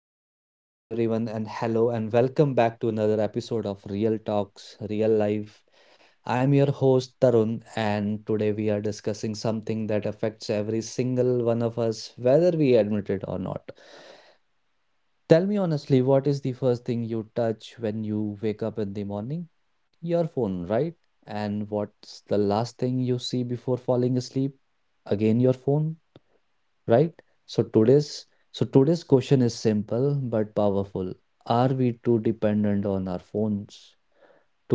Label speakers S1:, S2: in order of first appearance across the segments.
S1: Merry Christmas, everyone, and hello, and welcome back to another episode of Real Talks, Real Life. I'm your host, Tarun, and today we are discussing something that affects every single one of us, whether we admit it or not. Tell me honestly, what is the first thing you touch when you wake up in the morning? Your phone, right? And what's the last thing you see before falling asleep? Again, your phone, right? So today's so today's question is simple but powerful. Are we too dependent on our phones?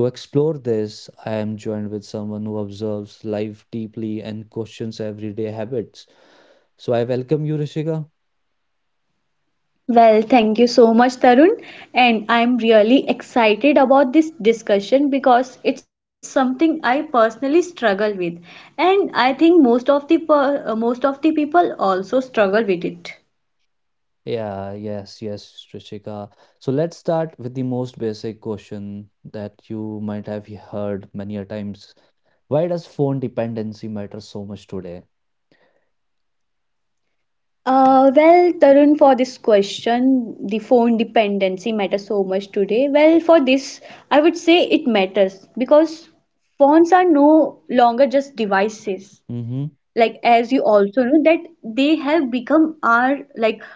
S1: To explore this, I am joined with someone who observes life deeply and questions everyday habits. So I welcome you, Rishika.
S2: Well, thank you so much, Tarun. And I'm really excited about this discussion because it's something I personally struggle with. And I think most of the people also struggle with it.
S1: Yeah, yes, yes, Rishika. So let's start with the most basic question that you might have heard many a times. Why does phone dependency matter so much today?
S2: Well, Tarun, for this question, the phone dependency matters so much today. Well, for this, I would say it matters because phones are no longer just devices.
S1: Mm-hmm.
S2: Like, as you also know, that they have become our, like,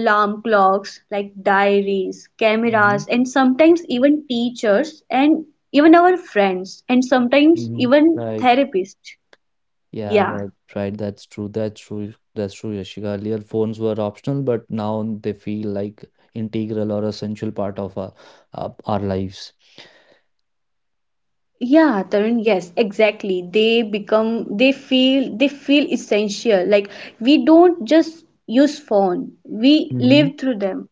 S2: alarm clocks, like diaries, cameras,
S1: Mm-hmm.
S2: and sometimes even teachers, and even our friends, and sometimes
S1: Mm-hmm.
S2: even
S1: Right.
S2: therapists.
S1: Yeah,
S2: Yeah,
S1: right, right. That's true. That's true. That's true, Yashika. Earlier, phones were optional, but now they feel like integral or essential part of our lives.
S2: yeah, Tarun, yes, exactly, they feel essential. Like, we don't just use phone, we live
S1: Mm-hmm.
S2: through them.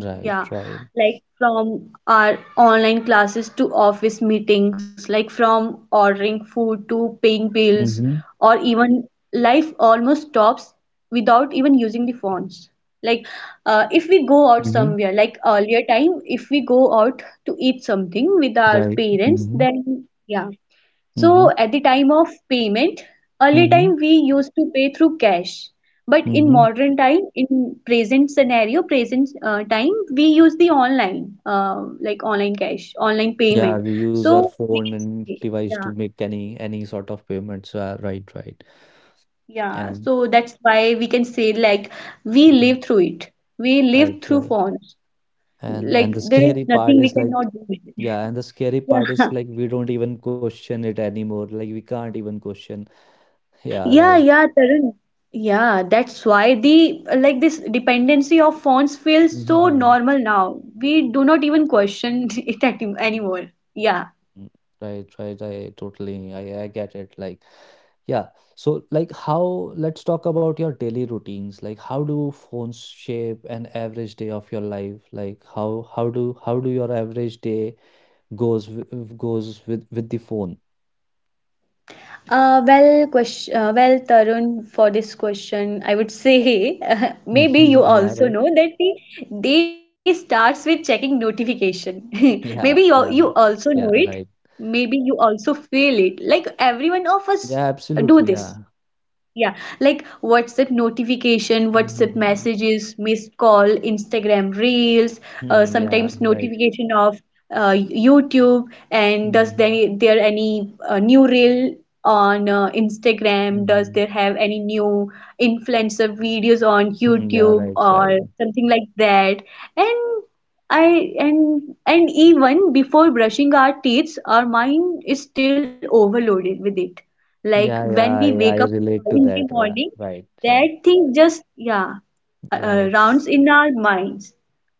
S1: Right,
S2: Yeah,
S1: right.
S2: like from our online classes to office meetings, like from ordering food to paying bills,
S1: Mm-hmm.
S2: or even life almost stops without even using the phones. Like, if we go out
S1: Mm-hmm.
S2: somewhere, like earlier time, if we go out to eat something with our
S1: Right.
S2: parents,
S1: Mm-hmm.
S2: then yeah. So
S1: Mm-hmm.
S2: at the time of payment, early time
S1: Mm-hmm.
S2: we used to pay through cash. But in
S1: Mm-hmm.
S2: modern time, in present scenario, present time, we use the online, like online cash, online
S1: Yeah,
S2: payment.
S1: we use our
S2: So we
S1: phone
S2: can
S1: and
S2: say,
S1: device to
S2: yeah,
S1: make any sort of payments. Right, right.
S2: yeah.
S1: And
S2: So that's why we can say, like, we live
S1: Mhm.
S2: through it. We
S1: Right,
S2: live through
S1: right.
S2: phones. Like,
S1: And the
S2: there is
S1: scary
S2: nothing
S1: part
S2: we
S1: is like
S2: cannot do with it.
S1: Yeah, and the scary part is
S2: Yeah.
S1: like we don't even question it anymore. Like we can't even question. Yeah,
S2: Yeah,
S1: right.
S2: yeah, Tarun. Yeah, that's why, the like, this dependency of phones feels so
S1: Mhm.
S2: normal now. We do not even question it anymore. Yeah.
S1: Mm. Right, right. I totally, I get it. Like, yeah. So, like, let's talk about your daily routines. Like, how do phones shape an average day of your life? Like, how do your average day goes, goes with the phone?
S2: Well, Tarun, for this question, I would say maybe you
S1: Yeah,
S2: also
S1: right.
S2: know that the day starts with checking notification. Maybe
S1: Yeah,
S2: you
S1: yeah,
S2: also know it.
S1: yeah, right.
S2: Maybe you also feel it. Like, every one of us
S1: Yeah,
S2: do
S1: absolutely.
S2: this.
S1: Yeah.
S2: Yeah, like WhatsApp notification, WhatsApp messages, missed call, Instagram reels,
S1: Yeah,
S2: sometimes
S1: right.
S2: notification of YouTube, and does
S1: Mhm,
S2: there any new reel on Instagram? Does
S1: mhm.
S2: there have any new influencer videos on
S1: Mm, yeah,
S2: YouTube
S1: right, right.
S2: or something like that? And I and even before brushing our teeth, our mind is still overloaded with it. Like,
S1: Yeah,
S2: when
S1: yeah,
S2: we
S1: I,
S2: wake up
S1: I
S2: early
S1: relate to
S2: in the
S1: that. Right,
S2: morning,
S1: right,
S2: that
S1: right,
S2: thing just, yeah,
S1: right.
S2: rounds in our minds.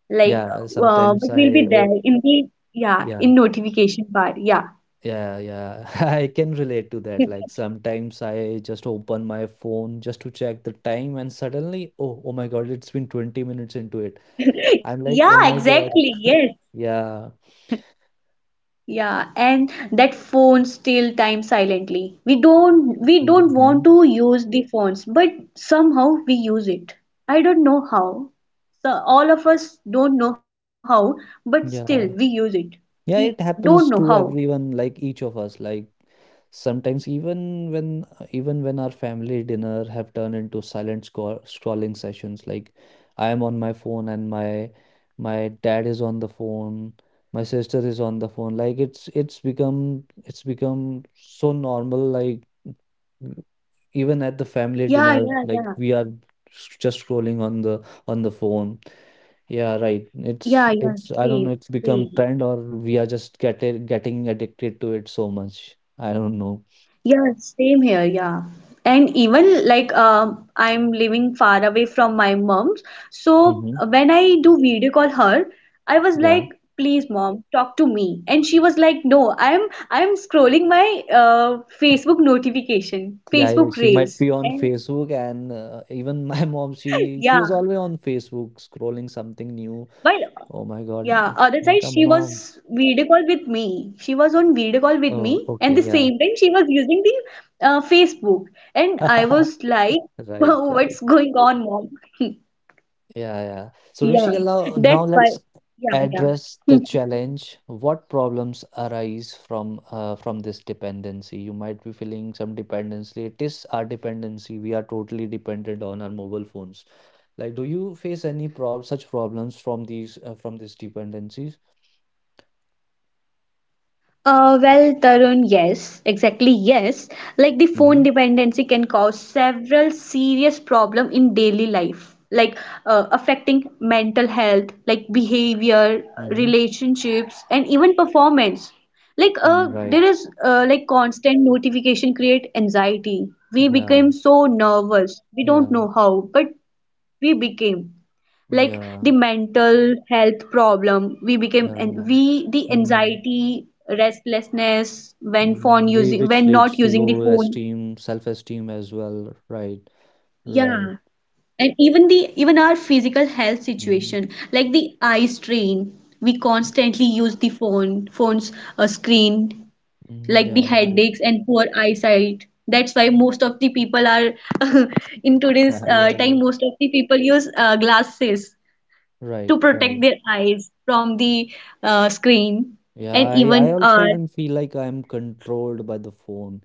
S2: Like,
S1: Yeah,
S2: but
S1: sometimes
S2: we'll be
S1: I,
S2: there
S1: oh,
S2: in the, yeah, in
S1: yeah,
S2: notification bar. Yeah.
S1: yeah, yeah. I can relate to that. Like sometimes I just open my phone just to check the time, and suddenly, oh, oh my God, it's been 20 minutes into it. I'm like,
S2: Yeah,
S1: oh my God.
S2: exactly. Yes.
S1: Yeah.
S2: Yeah, and that phone steal time silently. We don't want
S1: Hmm.
S2: to use the phones, but somehow we use it. I don't know how. So all of us don't know how, but still we use
S1: Yeah.
S2: it. We
S1: Yeah, it
S2: don't know
S1: happens
S2: how.
S1: to everyone, like each of us. Like sometimes, even when our family dinner have turned into silent scrolling sessions. Like I am on my phone and my dad is on the phone, my sister is on the phone. Like it's become so normal. Like w- even at the family
S2: Yeah, yeah,
S1: dinner,
S2: yeah.
S1: like we are just scrolling on the phone. Yeah, right.
S2: Yeah,
S1: It's.
S2: yeah,
S1: I
S2: same,
S1: don't know, it's
S2: same.
S1: become trend or we are just getting addicted to it so much. I don't know.
S2: Yeah, same here. Yeah. And even, like, I'm living far away from my mom's. So
S1: Mm-hmm.
S2: when I do video call her, I was like,
S1: Yeah.
S2: please, mom, talk to me. And she was like, no, I'm scrolling my Facebook notification,
S1: Yeah, yeah,
S2: Facebook
S1: she might
S2: Reels.
S1: be on
S2: And
S1: Facebook and even my mom, she
S2: yeah.
S1: she is always on Facebook scrolling something new.
S2: But
S1: Oh my God.
S2: yeah,
S1: No.
S2: other side
S1: Like, a
S2: she
S1: mom.
S2: was video call with me. She was on video call with
S1: Oh,
S2: me, and the
S1: okay, yeah.
S2: same time she was using the Facebook, and I was like,
S1: Right,
S2: "What's
S1: right.
S2: going on, mom?"
S1: Yeah, yeah. So
S2: Yeah,
S1: Rishika, now
S2: that's why.
S1: let's
S2: Yeah,
S1: address the
S2: yeah.
S1: challenge. What problems arise from this dependency? You might be feeling some dependency. It is our dependency. We are totally dependent on our mobile phones. Like, do you face any prob such problems from these dependencies?
S2: Well, Tarun, yes, exactly, yes. Like, the phone
S1: Mm-hmm.
S2: dependency can cause several serious problem in daily life, like affecting mental health, like behavior,
S1: Mm-hmm.
S2: relationships, and even performance. Like,
S1: Right.
S2: there is, like, constant notification create anxiety. We
S1: Yeah.
S2: became so nervous. We don't know
S1: Yeah.
S2: how, but we became, like,
S1: Yeah.
S2: the mental health problem we became, and
S1: Yeah.
S2: we the
S1: Mm-hmm.
S2: anxiety, restlessness when phone
S1: Mm-hmm.
S2: using
S1: Which
S2: when
S1: leads
S2: not
S1: to
S2: using the
S1: low
S2: phone.
S1: esteem, self-esteem as well. Right. Right.
S2: Yeah. And even the even our physical health
S1: Mm-hmm.
S2: situation, like the eye strain. We constantly use the phone phones, screen,
S1: Hmm.
S2: like the
S1: Yeah, right.
S2: headaches and poor eyesight. That's why most of the people are, in today's
S1: Yeah,
S2: time,
S1: right.
S2: most of the people use glasses
S1: Right,
S2: to
S1: right.
S2: protect their eyes from the screen.
S1: Yeah,
S2: And
S1: I
S2: even
S1: also even feel like I'm controlled by the phone.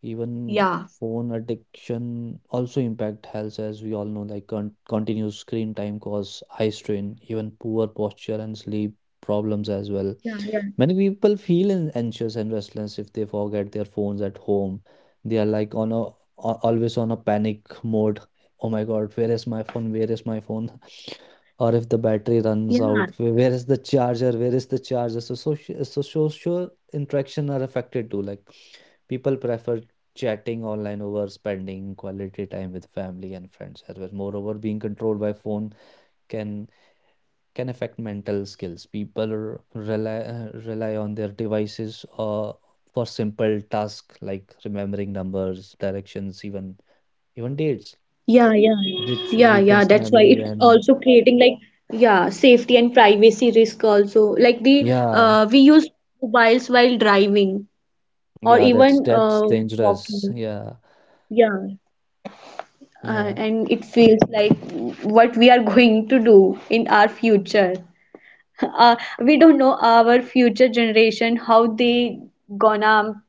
S1: Even
S2: yeah,
S1: phone addiction also impact health, as we all know, like continuous screen time cause eye strain, even poor posture and sleep problems as well.
S2: yeah, yeah,
S1: Many people feel anxious and restless if they forget their phones at home. They are like always on a panic mode. Oh my God, where is my phone? Where is my phone? Or if the battery runs
S2: yeah,
S1: out, where is the charger? Where is the charger? So social interaction are affected too. Like people prefer chatting online over spending quality time with family and friends as well. Moreover, being controlled by phone can can affect mental skills. People rely on their devices for simple tasks like remembering numbers, directions, even dates,
S2: yeah, yeah,
S1: which
S2: yeah, yeah,
S1: weakens
S2: that's why
S1: memory
S2: it's
S1: and
S2: also creating, like, yeah, safety and privacy risk also. Like, the
S1: yeah,
S2: we use mobiles while driving or
S1: yeah, that's
S2: even
S1: that's dangerous.
S2: walking.
S1: Yeah,
S2: Yeah,
S1: yeah,
S2: and it feels like what we are going to do in our future. uh, we don't know our future generation how they gonna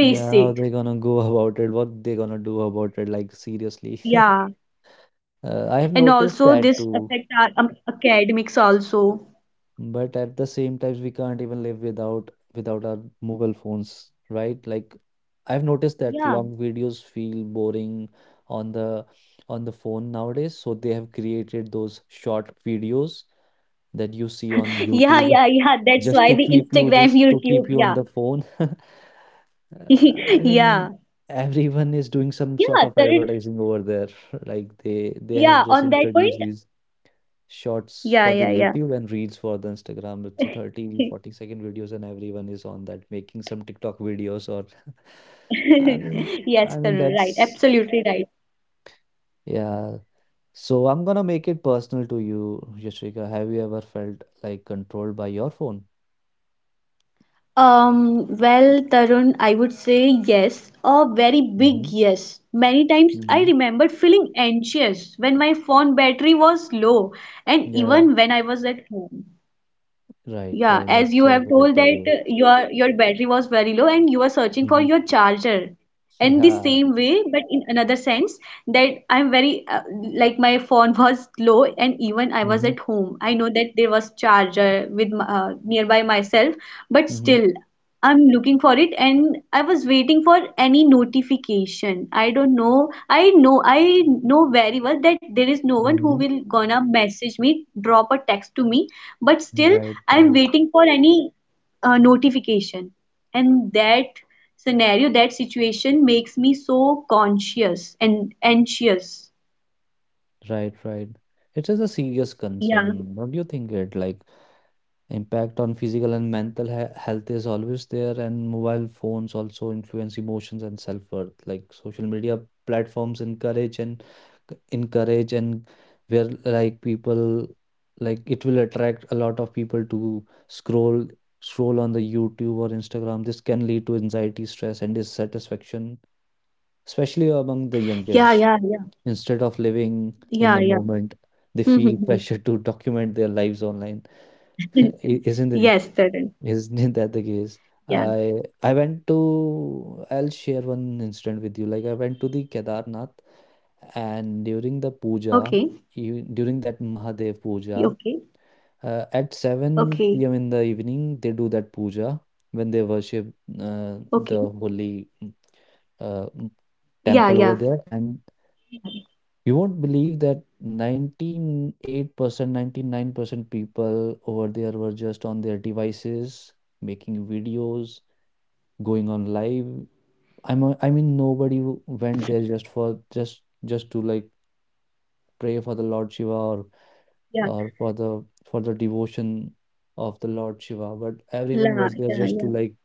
S1: yeah.
S2: face
S1: How they
S2: it.
S1: gonna go about it? What they gonna do about it? Like seriously,
S2: Yeah.
S1: I have
S2: And
S1: noticed
S2: also
S1: that
S2: this
S1: too.
S2: affect our academics also.
S1: But at the same times, we can't even live without our mobile phones, right? Like I've noticed
S2: Yeah.
S1: that long videos feel boring on the on the phone nowadays, so they have created those short videos that you see on
S2: Yeah,
S1: YouTube
S2: yeah, yeah. That's
S1: just
S2: why
S1: to
S2: the
S1: keep you
S2: Instagram,
S1: just to keep
S2: YouTube,
S1: you on
S2: yeah.
S1: the phone. I mean,
S2: Yeah.
S1: everyone is doing some sort
S2: Yeah,
S1: of
S2: Tarun.
S1: advertising over there. Like they have
S2: Yeah,
S1: just
S2: on that
S1: introduced
S2: point.
S1: these shorts
S2: Yeah,
S1: for the
S2: yeah, yeah.
S1: YouTube and reels for the Instagram. It's a 30 40-second videos and everyone is on that making some TikTok videos or I mean
S2: Yes,
S1: I mean
S2: Tarun, right.
S1: that's
S2: Absolutely right.
S1: yeah. So I'm gonna make it personal to you, Yashika. Have you ever felt like controlled by your phone?
S2: Well, Tarun, I would say yes, a very big
S1: Mm-hmm.
S2: yes. Many times I
S1: Mm-hmm.
S2: remembered feeling anxious when my phone battery was low, and
S1: Yeah.
S2: even when I was at home.
S1: Right,
S2: Yeah,
S1: right.
S2: as
S1: That's
S2: you
S1: so
S2: have told that
S1: relatable.
S2: your battery was very low and you were searching for
S1: Mm-hmm.
S2: your charger. And the
S1: Yeah.
S2: same way, but in another sense, that I'm very like, my phone was low, and even I was
S1: Mm-hmm.
S2: at home. I know that there was charger nearby myself, but
S1: Mm-hmm.
S2: still. I'm looking for it and I was waiting for any notification. I don't know. I know very well that there is no one who
S1: Mm-hmm.
S2: will gonna message me, drop a text to me, but still
S1: Right,
S2: I'm
S1: right,
S2: waiting for any notification. And that scenario, that situation makes me so conscious and anxious.
S1: right, right. It is a serious
S2: Yeah.
S1: concern. What do you think it like? Impact on physical and mental health is always there, and mobile phones also influence emotions and self-worth. Like social media platforms encourage and encourage and where like people like it will attract a lot of people to scroll on the YouTube or Instagram. This can lead to anxiety, stress, and dissatisfaction, especially among the
S2: Yeah,
S1: young
S2: yeah, yeah.
S1: kids. Instead of living
S2: Yeah, yeah.
S1: in the moment, they feel pressure to document their lives online. I- Isn't it?
S2: Yes, Tarun.
S1: Isn't that the case?
S2: Yeah.
S1: I I went to I'll share one incident with you. Like I went to the Kedarnath and during
S2: Okay.
S1: the puja, you during that Mahadev
S2: Okay.
S1: puja, at
S2: Okay.
S1: 7 p.m. in the evening they do that puja when they worship
S2: Okay.
S1: the holy uh, mm,
S2: Yeah, yeah,
S1: temple over there, and you won't believe that 98% 99% people over there were just on their devices, making videos, going on live. I mean, nobody went there just for just to like pray for the Lord Shiva
S2: yeah,
S1: or for the devotion of the Lord Shiva, but
S2: la,
S1: everyone
S2: yeah,
S1: was there
S2: yeah,
S1: just to like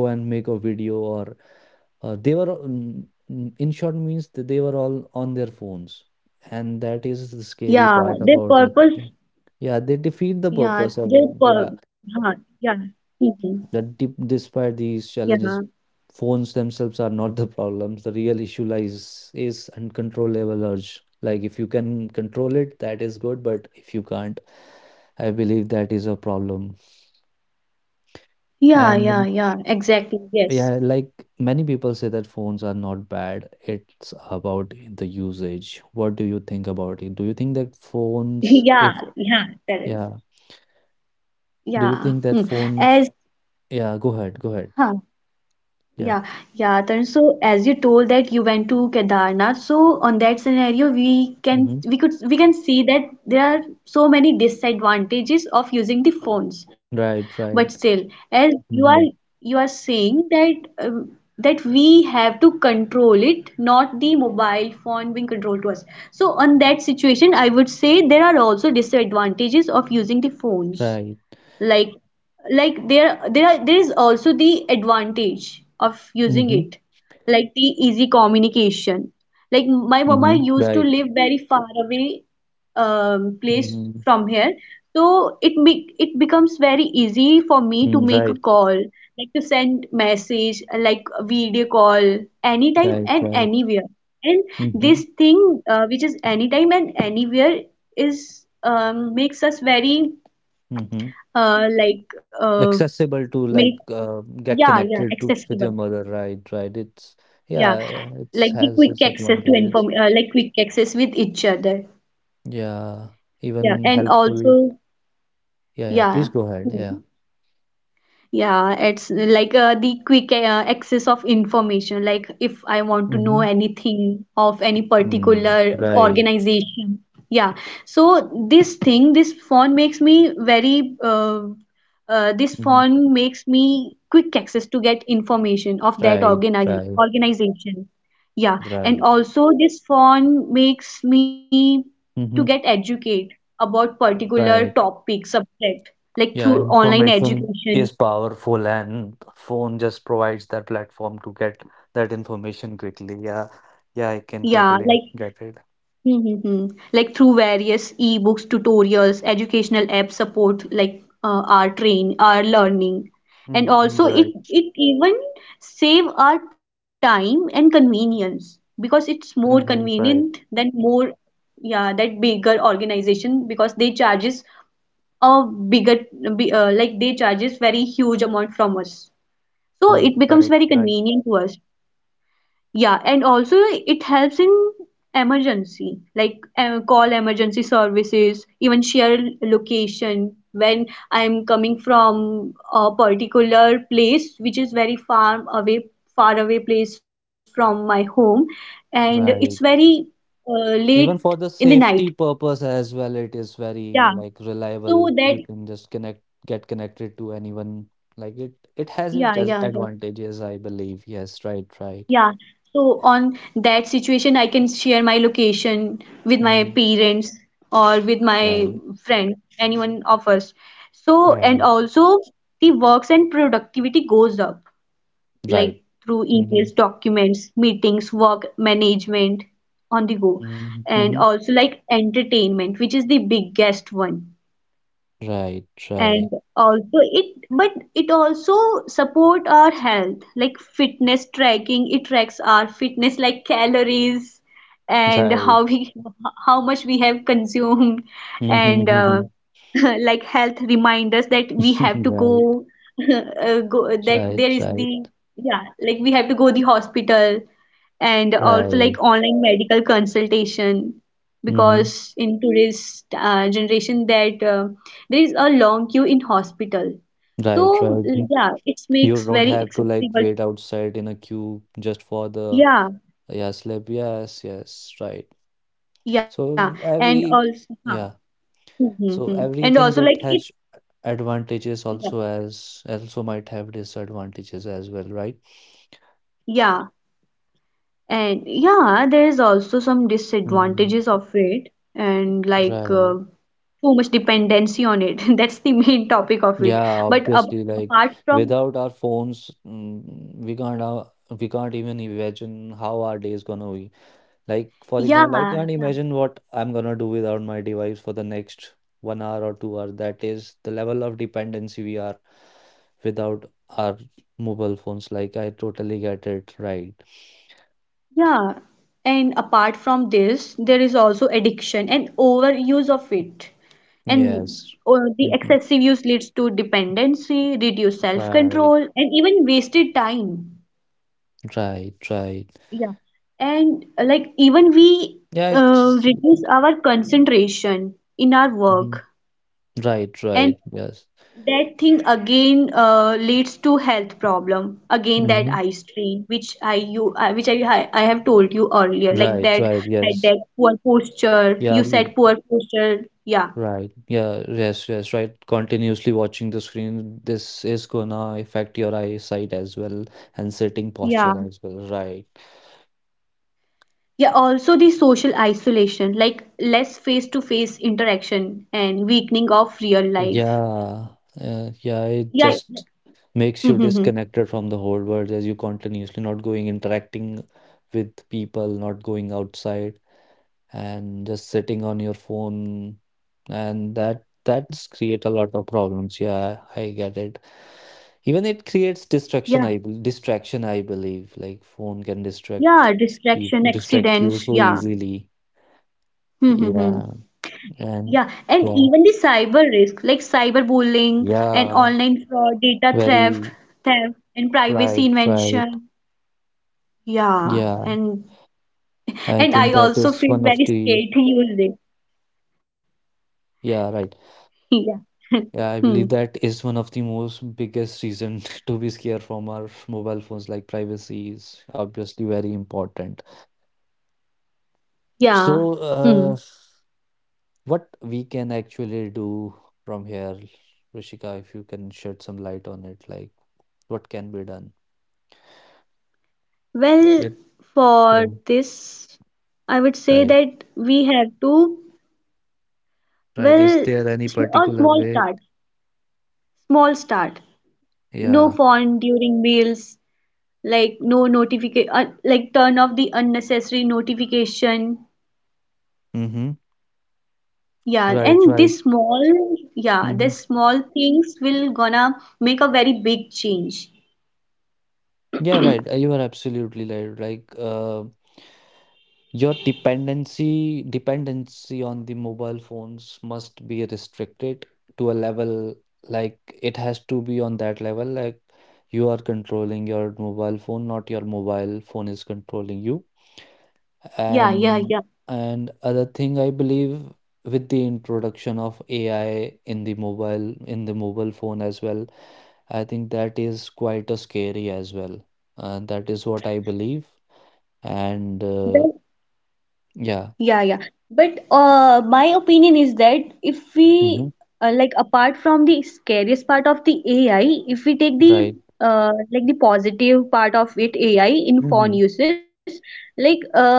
S1: go and make a video or they were in short means that they were all on their phones, and that is the scary
S2: yeah.
S1: part
S2: Their
S1: about
S2: purpose,
S1: that. Yeah, they defeat the
S2: yeah,
S1: purpose
S2: their
S1: of
S2: pur,
S1: yeah,
S2: huh, yeah, mhm,
S1: despite
S2: yeah,
S1: these challenges, phones themselves are not the problems. The real issue lies is uncontrollable urge. Like if you can control it, that is good, but if you can't, I believe that is a problem.
S2: yeah,
S1: And
S2: yeah, yeah. Exactly. Yes.
S1: yeah, like many people say that phones are not bad. It's about the usage. What do you think about it? Do you think that phones,
S2: Yeah,
S1: if
S2: yeah, correct.
S1: Yeah, do you
S2: Yeah.
S1: think
S2: Hmm.
S1: that phones,
S2: As,
S1: yeah, go ahead, go ahead.
S2: huh,
S1: Yeah.
S2: yeah, yeah, Tarun. So, as you told that you went to Kedarnath, so on that scenario, we can
S1: Mm-hmm.
S2: we could we can see that there are so many disadvantages of using the phones. But
S1: Right,
S2: still,
S1: right.
S2: as you are
S1: Mm-hmm.
S2: you are saying that, that we have to control it, not the mobile phone being controlled to us. So on that situation, I would say there are also disadvantages of using the phones,
S1: Right.
S2: like there is also the advantage of using
S1: Mhm,
S2: it, like the easy communication. Like, my mama
S1: mhm,
S2: used to
S1: right.
S2: live very far away place
S1: Mhm,
S2: from here, so it becomes very easy for me to
S1: mm,
S2: make a
S1: right,
S2: call, like to send message, like a video call, anytime
S1: right,
S2: and
S1: right.
S2: anywhere. And this
S1: Mhm,
S2: thing, which is anytime and anywhere, is makes us very,
S1: mhm.
S2: like
S1: Accessible to
S2: make
S1: like get
S2: yeah, yeah,
S1: connected to with your
S2: accessible.
S1: mother, right, right.
S2: Yeah,
S1: Yeah,
S2: like
S1: it's
S2: the
S1: has
S2: quick
S1: its
S2: access to
S1: advantages.
S2: inform like, quick access with each other.
S1: Yeah,
S2: Yeah,
S1: even
S2: and
S1: helpful.
S2: also
S1: Yeah, yeah.
S2: yeah.
S1: Please go ahead. Yeah.
S2: Hmm. Yeah, it's like, the quick access of information. Like, if I want to know
S1: Mm-hmm.
S2: anything of any
S1: Mm,
S2: particular
S1: right.
S2: organization. Yeah. So this thing, this
S1: Mm-hmm.
S2: phone makes me quick access to get information of that
S1: Right, right,
S2: organization. Yeah. And
S1: right.
S2: also this phone makes me to get
S1: Mm-hmm.
S2: educate about particular
S1: Right.
S2: topic, subject, like
S1: Yeah,
S2: through online
S1: information
S2: education.
S1: is powerful, and phone just provides that platform to get that information quickly. Yeah, yeah, I can
S2: Yeah,
S1: totally
S2: like,
S1: get it.
S2: mm-hmm. Like through various ebooks, tutorials, educational apps support, like our learning, and
S1: Mm-hmm,
S2: also it
S1: right.
S2: it even save our time and convenience, because it's more
S1: Mm-hmm,
S2: convenient
S1: right.
S2: than more. Yeah, that bigger organization, because they charges a bigger bi- like they charges very huge amount from us. So
S1: Mm,
S2: it becomes
S1: right.
S2: very
S1: Right.
S2: convenient to us. Yeah, and also it helps in emergency, like call emergency services, even share location when I'm coming from a particular place which is very far away place from my home, and it's
S1: Right.
S2: very late
S1: Even for
S2: in
S1: the
S2: the night.
S1: safety purpose as well, it is
S2: Yeah,
S1: very like
S2: so
S1: reliable. You
S2: that
S1: can just connect, get connected to anyone. Like it has
S2: yeah,
S1: its as
S2: yeah, yeah.
S1: advantages, I believe. Yes, right, right.
S2: Yeah, so on that situation, I can share my location with my
S1: Mm-hmm,
S2: parents or with my
S1: right,
S2: friend, anyone of us. So, and
S1: right,
S2: also the works and productivity goes up,
S1: right.
S2: like through
S1: Mm-hmm,
S2: emails, documents, meetings, work management on the go.
S1: mm-hmm,
S2: And
S1: mm-hmm.
S2: also, like, entertainment, which is the biggest one,
S1: Right,
S2: and
S1: right,
S2: also it but it also support our health, like fitness tracking. It tracks our fitness, like calories, and
S1: right.
S2: how much we have consumed,
S1: Mhm,
S2: and
S1: mhm.
S2: like health reminders that we have to
S1: Right,
S2: go go, that
S1: right,
S2: there is
S1: right,
S2: the, yeah, like, we have to go the hospital, and also like
S1: right.
S2: online medical consultation,
S1: Hmm.
S2: because in today's generation, that there is a long queue in hospital,
S1: Right, right.
S2: so
S1: Mhm.
S2: yeah, it
S1: You
S2: makes
S1: don't
S2: very
S1: have to like
S2: accessible.
S1: wait outside in a queue just for the,
S2: Yeah,
S1: yeah, slip. Yes, yes, right.
S2: yeah,
S1: So
S2: and
S1: every
S2: also huh.
S1: Yeah,
S2: Mm-hmm.
S1: so
S2: Mm-hmm. And
S1: everything
S2: also like
S1: that
S2: it,
S1: has advantages
S2: yeah,
S1: also as also might have disadvantages as well, right?
S2: yeah, and yeah, there is also some
S1: Hmm.
S2: disadvantages of it, and like,
S1: Right.
S2: too much dependency on it, that's the main topic of it,
S1: Yeah,
S2: but ab
S1: obviously, like
S2: apart from
S1: without our phones, we can't uh, we can't even imagine how our day is gonna be. Like for
S2: yeah,
S1: example, I can't
S2: yeah.
S1: imagine what I'm gonna do without my device for the next 1 hour or 2 hours. That is the level of dependency we are without our mobile phones. Like I totally get it, right?
S2: Yeah, and apart from this, there is also addiction and overuse of it. And
S1: Yes.
S2: the
S1: Mhm.
S2: excessive use leads to dependency, reduced self-control,
S1: Right,
S2: and even wasted time.
S1: right, right.
S2: Yeah. And like, even we
S1: Yeah, it's
S2: reduce our concentration in our work.
S1: mhm. Right,
S2: And
S1: right, yes.
S2: that thing again leads to health problem again, that
S1: Hmm.
S2: eye strain which I have told you earlier, like
S1: Right,
S2: that
S1: right,
S2: had
S1: yes.
S2: that poor posture. You
S1: Yeah,
S2: said poor posture, yeah.
S1: right. Yeah, yes, yes, right. Continuously watching the screen, this is gonna affect your eyesight as well and sitting
S2: Yeah,
S1: posture as well, right?
S2: yeah, also the social isolation, like less face to face interaction and weakening of real life.
S1: Yeah, yeah, it
S2: Yeah,
S1: just makes you
S2: yeah.
S1: disconnected from the whole world as you continuously not going interacting with people, not going outside, and just sitting on your phone, and that's create a lot of problems. Yeah, I get it. Even it creates
S2: Yeah,
S1: distraction, distraction, I believe. Like phone can
S2: yeah,
S1: distract
S2: distraction,
S1: people, distract you
S2: accidents,
S1: so
S2: yeah.
S1: easily. Yeah, and
S2: Yeah, and
S1: yeah,
S2: even the cyber risk, like cyberbullying and
S1: yeah,
S2: online fraud, data theft,
S1: very
S2: and privacy
S1: right, right.
S2: invasion. Yeah,
S1: Yeah,
S2: and
S1: I
S2: and I
S1: think that
S2: also
S1: is
S2: feel
S1: one of
S2: very
S1: the
S2: scared to use it.
S1: yeah, right.
S2: Yeah.
S1: Yeah, I
S2: Hmm.
S1: believe that is one of the most biggest reason to be scared from our mobile phones. Like privacy is obviously very important.
S2: Yeah.
S1: So,
S2: Hmm.
S1: what we can actually do from here, Rishika, if you can shed some light on it, like what can be done?
S2: Well,
S1: It,
S2: for
S1: yeah,
S2: this, I would say
S1: right,
S2: that we have to,
S1: right. Is
S2: well,
S1: there any
S2: s- a
S1: particular
S2: small
S1: way?
S2: start, small start. No
S1: Yeah.
S2: phone during meals, like no notification, like turn off the unnecessary notification.
S1: Mm-hmm.
S2: Yeah,
S1: Right,
S2: and
S1: right.
S2: this small, yeah,
S1: Mm-hmm.
S2: this small things will gonna make a very big change.
S1: Yeah, right. You are absolutely right. Like, your dependency on the mobile phones must be restricted to a level, like it has to be on that level, like you are controlling your mobile phone, not your mobile phone is controlling you.
S2: Yeah, yeah,
S1: And
S2: yeah,
S1: and other thing I believe, with the introduction of AI in the mobile phone as well, I think that is quite a scary as well. And that is what I believe. And
S2: well.
S1: yeah.
S2: Yeah, yeah. But my opinion is that if we,
S1: Mm-hmm.
S2: like apart from the scariest part of the AI, if we take the,
S1: Right.
S2: like, the positive part of it, AI in phone
S1: Mhm.
S2: usage, like,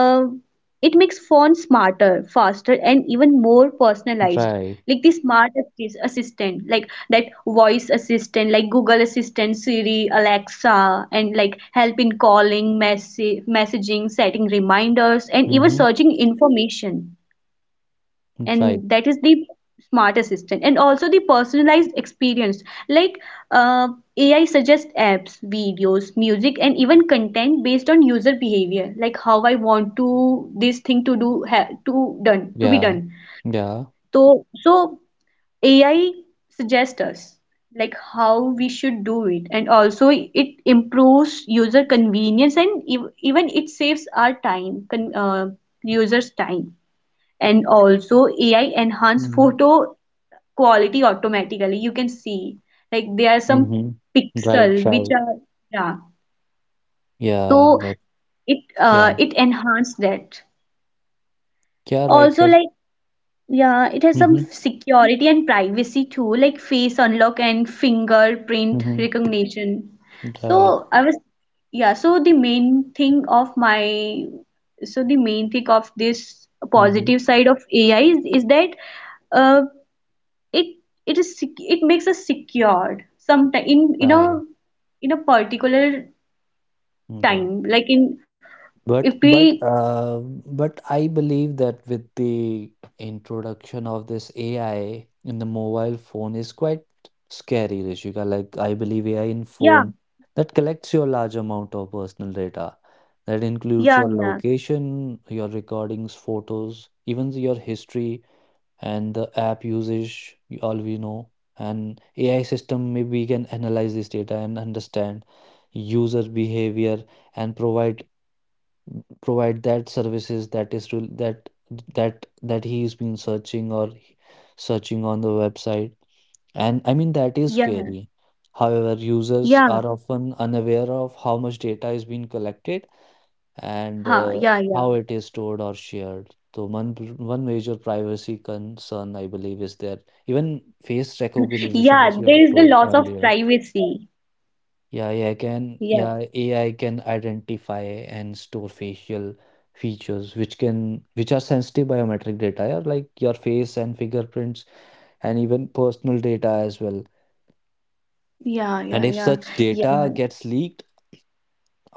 S2: it makes phone smarter, faster, and even more personalized.
S1: Right.
S2: Like the assistant, like that voice assistant, like Google Assistant, Siri, Alexa, and like help in calling, message messaging, setting reminders, and even
S1: Mhm.
S2: searching information.
S1: Right.
S2: And that is the smart assistant. And also the personalized experience, like, uh, AI suggests apps, videos, music, and even content based on user behavior, like how I want to this thing to do, to done to be done.
S1: Yeah. Yeah.
S2: So AI suggests us like how we should do it. And also it improves user convenience and even it saves our time, users time. And also AI enhance
S1: Mhm.
S2: photo quality automatically, you can see, like there are some
S1: Mhm.
S2: pixel
S1: Right.
S2: which
S1: Right.
S2: are, yeah.
S1: Yeah.
S2: So
S1: That. Yeah.
S2: it enhanced that.
S1: Yeah.
S2: Also
S1: Right. Right.
S2: like, yeah, it has some
S1: Mhm.
S2: security and privacy too, like face unlock and fingerprint
S1: Mhm.
S2: recognition. So
S1: Right.
S2: I was, yeah, so the main thing of my, So the main thing of this positive
S1: Mhm.
S2: side of AI is that, uh, it it is it makes us secured sometime, in a,
S1: Right.
S2: in a particular
S1: Mm, right.
S2: time, like in, if
S1: But
S2: we,
S1: but uh, but I believe that with the introduction of this AI in the mobile phone is quite scary, Rishika. Like I believe AI in
S2: yeah,
S1: phone that collects your large amount of personal data. That includes
S2: yeah,
S1: your
S2: yeah,
S1: location, your recordings, photos, even your history and the app usage, all we know. And AI system maybe can analyze this data and understand user behavior and provide that services that that he's been searching or searching on the website. And I mean that is
S2: yeah,
S1: scary. However, users
S2: yeah,
S1: are often unaware of how much data is being collected, and
S2: huh, yeah, yeah.
S1: how it is stored or shared. So one major privacy concern I believe is there, even face recognition,
S2: Yeah,
S1: as you
S2: there
S1: have
S2: is the
S1: told
S2: loss of
S1: earlier.
S2: privacy.
S1: Yeah, yeah, I can.
S2: Yeah,
S1: Yeah, AI can identify and store facial features, which can, which are sensitive biometric data, yeah, like your face and fingerprints, and even personal data as well.
S2: yeah, yeah,
S1: And if
S2: yeah,
S1: such
S2: yeah,
S1: data gets leaked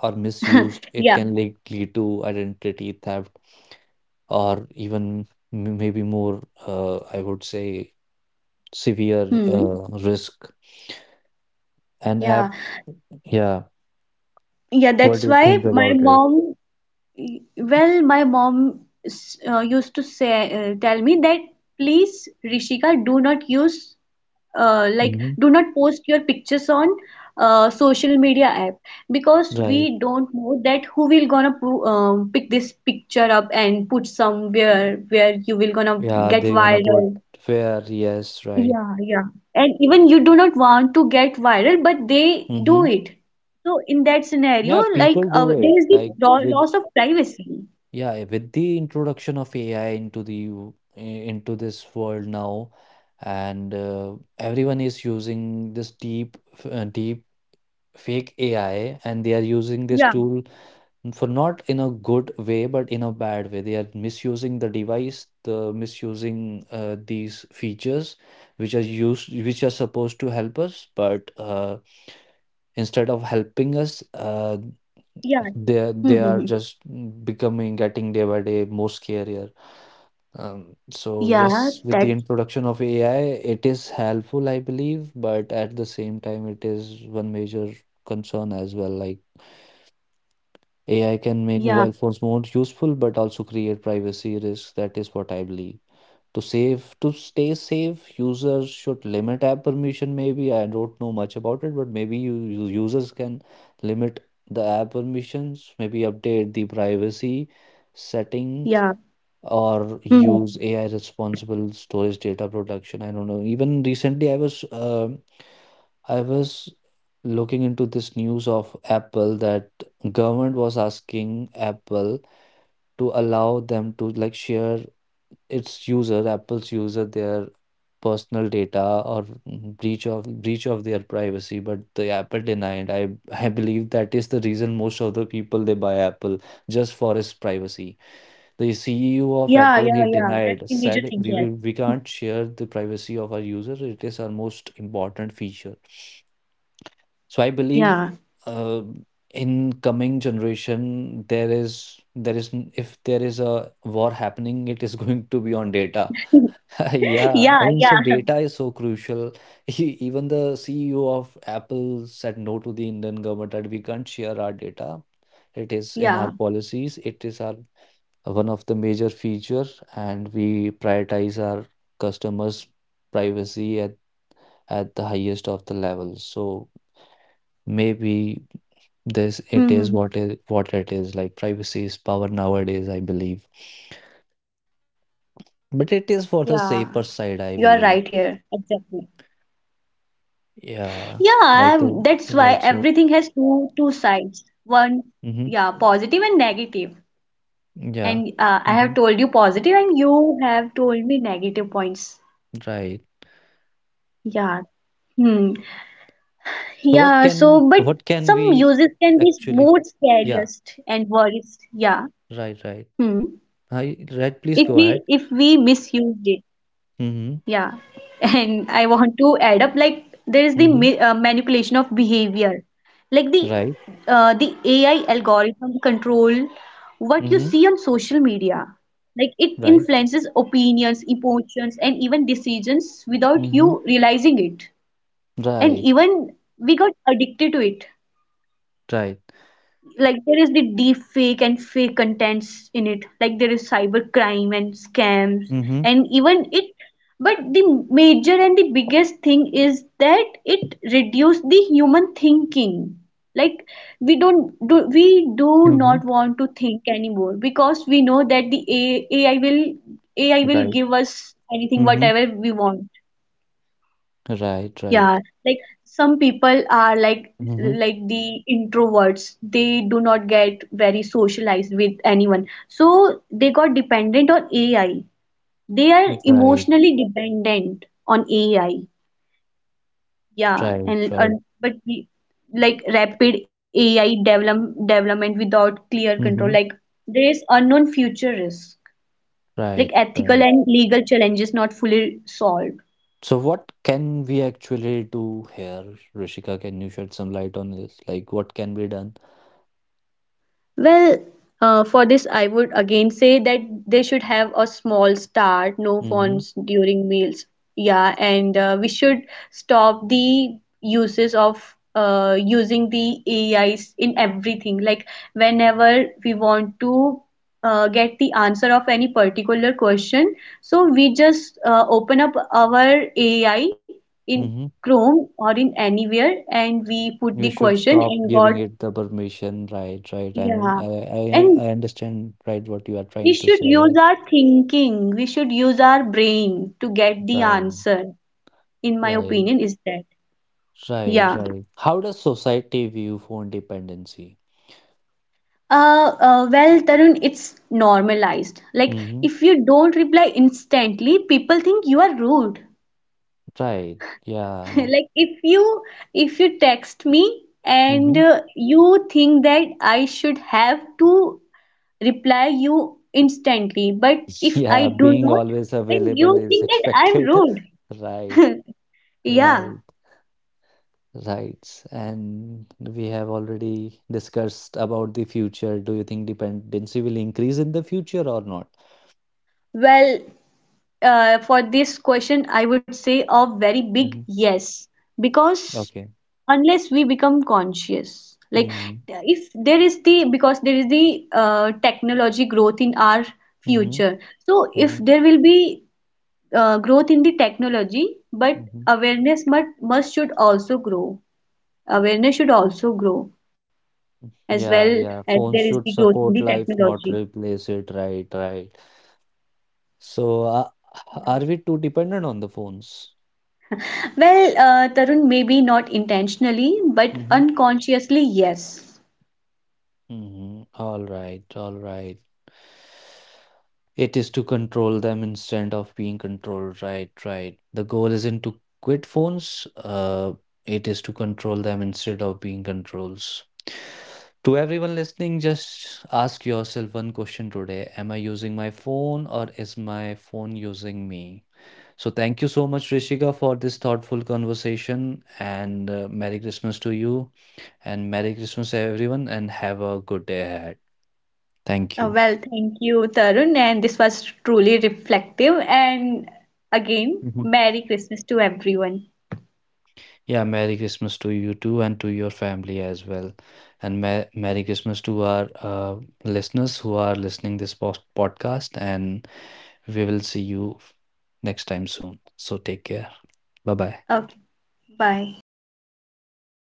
S1: or misused,
S2: yeah.
S1: it can lead to identity theft, or even maybe more, I would say, severe
S2: Hmm.
S1: risk. An
S2: Yeah,
S1: app, yeah.
S2: yeah. That's
S1: What do you
S2: why
S1: think
S2: my
S1: about it?
S2: mom, well, my mom, used to tell me that, please, Rishika, do not use, like,
S1: Hmm.
S2: do not post your pictures on, social media app, because we
S1: Right.
S2: don't know that who will gonna pick this picture up and put somewhere where you will gonna
S1: Yeah, they're
S2: get
S1: gonna put
S2: viral.
S1: fair, yes, right.
S2: Yeah, yeah. And even you do not want to get viral, but they do
S1: Mm-hmm.
S2: it. So in that scenario,
S1: Yeah,
S2: like,
S1: people
S2: there
S1: do
S2: is
S1: it
S2: the
S1: like with
S2: loss of privacy.
S1: yeah, with the introduction of AI into into this world now, and everyone is using this deep fake AI, and they are using this
S2: Yeah,
S1: tool for not in a good way, but in a bad way. They are misusing the device, the misusing these features, which are used, which are supposed to help us, but instead of helping us
S2: yeah.
S1: they
S2: Mm-hmm.
S1: are just becoming getting day by day more scarier, um, so
S2: Yeah,
S1: yes,
S2: that,
S1: with the introduction of AI, it is helpful I believe, but at the same time it is one major concern as well. Like AI can make
S2: yeah,
S1: mobile phones more useful, but also create privacy risks. That is what I believe. To stay safe, users should limit app permission. Maybe I don't know much about it, but maybe you users can limit the app permissions, maybe update the privacy settings,
S2: yeah.
S1: or
S2: Hmm.
S1: use AI responsible storage data protection. I don't know. Even recently I was I was looking into this news of Apple, that government was asking Apple to allow them to like share its user, Apple's user, their personal data, or breach of their privacy, but the Apple denied. I I believe that is the reason most of the people they buy Apple just for its privacy. The
S2: Yeah,
S1: CEO
S2: yeah,
S1: of
S2: yeah.
S1: Apple, he
S2: That's the major
S1: denied,
S2: thing here.
S1: said we can't share the privacy of our user. It is our most important feature. So I
S2: Yeah.
S1: believe uh, in coming generation, there is if there is a war happening, it is going to be on data. Yeah,
S2: Yeah,
S1: I mean, so
S2: yeah,
S1: data is so crucial. Even the CEO of Apple said no to the Indian government that we can't share our data. It is in our
S2: yeah.
S1: policies. It is our one of the major feature, and we prioritize our customers' privacy at the highest of the level. So. Maybe this it is what it
S2: Hmm,
S1: is.
S2: hmm,
S1: Like
S2: hmm.
S1: privacy is power nowadays, I believe. But it is for the
S2: Yeah,
S1: safer side, I
S2: you are
S1: believe.
S2: right here. Exactly.
S1: Yeah,
S2: Yeah,
S1: like to
S2: that's why
S1: like so.
S2: everything has two sides. One,
S1: Hmm.
S2: yeah, positive and negative.
S1: Yeah.
S2: And I have
S1: Hmm.
S2: told you positive, and you have told me negative points.
S1: Right.
S2: Yeah. Hmm.
S1: So
S2: Yeah. So, but
S1: what can
S2: some
S1: we
S2: uses can be
S1: actually?
S2: more
S1: Yeah.
S2: scariest and worst. Yeah.
S1: Right. Right.
S2: Hmm.
S1: Hi. Right. Please
S2: If
S1: go
S2: we
S1: ahead.
S2: if we misused it.
S1: Mm-hmm.
S2: Yeah, and I want to add up, like there is the
S1: Mm-hmm.
S2: manipulation of behavior, like the,
S1: Right.
S2: the AI algorithm control what you
S1: Mm-hmm.
S2: see on social media. Like it
S1: Right.
S2: influences opinions, emotions, and even decisions without you
S1: Mm-hmm.
S2: realizing it. And
S1: Right.
S2: even we got addicted to it,
S1: Right.
S2: like there is the deep fake and fake contents in it, like there is cyber crime and scams.
S1: Mm-hmm.
S2: And even it, but the major and the biggest thing is that it reduce the human thinking, like, we do
S1: Mm-hmm.
S2: not want to think anymore, because we know that the AI will, AI will
S1: Right.
S2: give us anything
S1: Mm-hmm.
S2: whatever we want.
S1: Right. Right.
S2: Yeah, like some people are like
S1: Mhm.
S2: like the introverts. They do not get very socialized with anyone, so they got dependent on AI. They are
S1: Right,
S2: emotionally dependent on AI. Yeah,
S1: right,
S2: and
S1: right.
S2: but we, like rapid AI development without clear control,
S1: Mhm.
S2: like there is unknown future risk, like
S1: Right,
S2: ethical
S1: right.
S2: and legal challenges not fully solved.
S1: So what can we actually do here, Rishika? Can you shed some light on this? Like what can be done?
S2: Well, for this, I would again say that they should have a small start, no
S1: Mm-hmm.
S2: phones during meals. Yeah, and we should stop the uses of using the AIs in everything. Like whenever we want to, get the answer of any particular question, so we just, open up our AI in
S1: Mm-hmm.
S2: Chrome or in anywhere, and we put
S1: You
S2: the
S1: should
S2: question
S1: stop
S2: and
S1: giving
S2: got,
S1: it the permission. Right, right. I'm
S2: yeah. And
S1: I understand right what you are
S2: we
S1: trying to
S2: should
S1: say
S2: use
S1: here.
S2: our thinking, we should use our brain to get the
S1: Right,
S2: answer, in my
S1: right,
S2: opinion, is that.
S1: right,
S2: Yeah.
S1: right. How does society view phone dependency?
S2: Well, Tarun, it's normalized. Like,
S1: Mm-hmm.
S2: if you don't reply instantly, people think you are rude.
S1: Right. Yeah.
S2: Like, if you text me and
S1: Mm-hmm.
S2: you think that I should have to reply you instantly, but if I
S1: Yeah,
S2: do
S1: being
S2: not,
S1: always
S2: then
S1: available
S2: you
S1: is
S2: think that I'm
S1: expected. Right,
S2: rude. Yeah.
S1: right, right. And we have already discussed about the future. Do you think dependency will increase in the future or not?
S2: Well, for this question, I would say a very big
S1: Hmm.
S2: yes, because
S1: Okay.
S2: unless we become conscious, like
S1: Mm-hmm.
S2: if there is the, because there is the, technology growth in our
S1: Mm-hmm.
S2: future. So if
S1: Mm-hmm.
S2: there will be, growth in the technology, but
S1: Mm-hmm.
S2: awareness must should also grow. Awareness should also grow as well,
S1: Yeah, yeah.
S2: as there
S1: Phones
S2: is the
S1: should
S2: growth in the
S1: support life, not
S2: technology.
S1: replace it. Right, right. So,
S2: Yeah.
S1: are we too dependent on the phones?
S2: Well, Tarun, maybe not intentionally, but
S1: Mm-hmm.
S2: unconsciously, yes.
S1: Mhm. All right, all right. It is to control them instead of being controlled. Right, right. The goal isn't to quit phones. It is to control them instead of being controls. To everyone listening, just ask yourself one question today. Am I using my phone, or is my phone using me? So thank you so much, Rishika, for this thoughtful conversation, and Merry Christmas to you. And Merry Christmas, everyone, and have a good day ahead. Thank you.
S2: Well, thank you, Tarun, and this was truly reflective. And again,
S1: Mhm.
S2: Merry Christmas to everyone.
S1: Yeah, Merry Christmas to you too, and to your family as well. And Merry Christmas to our listeners who are listening this post podcast. And we will see you next time soon. So take care. Bye bye.
S2: Okay, bye.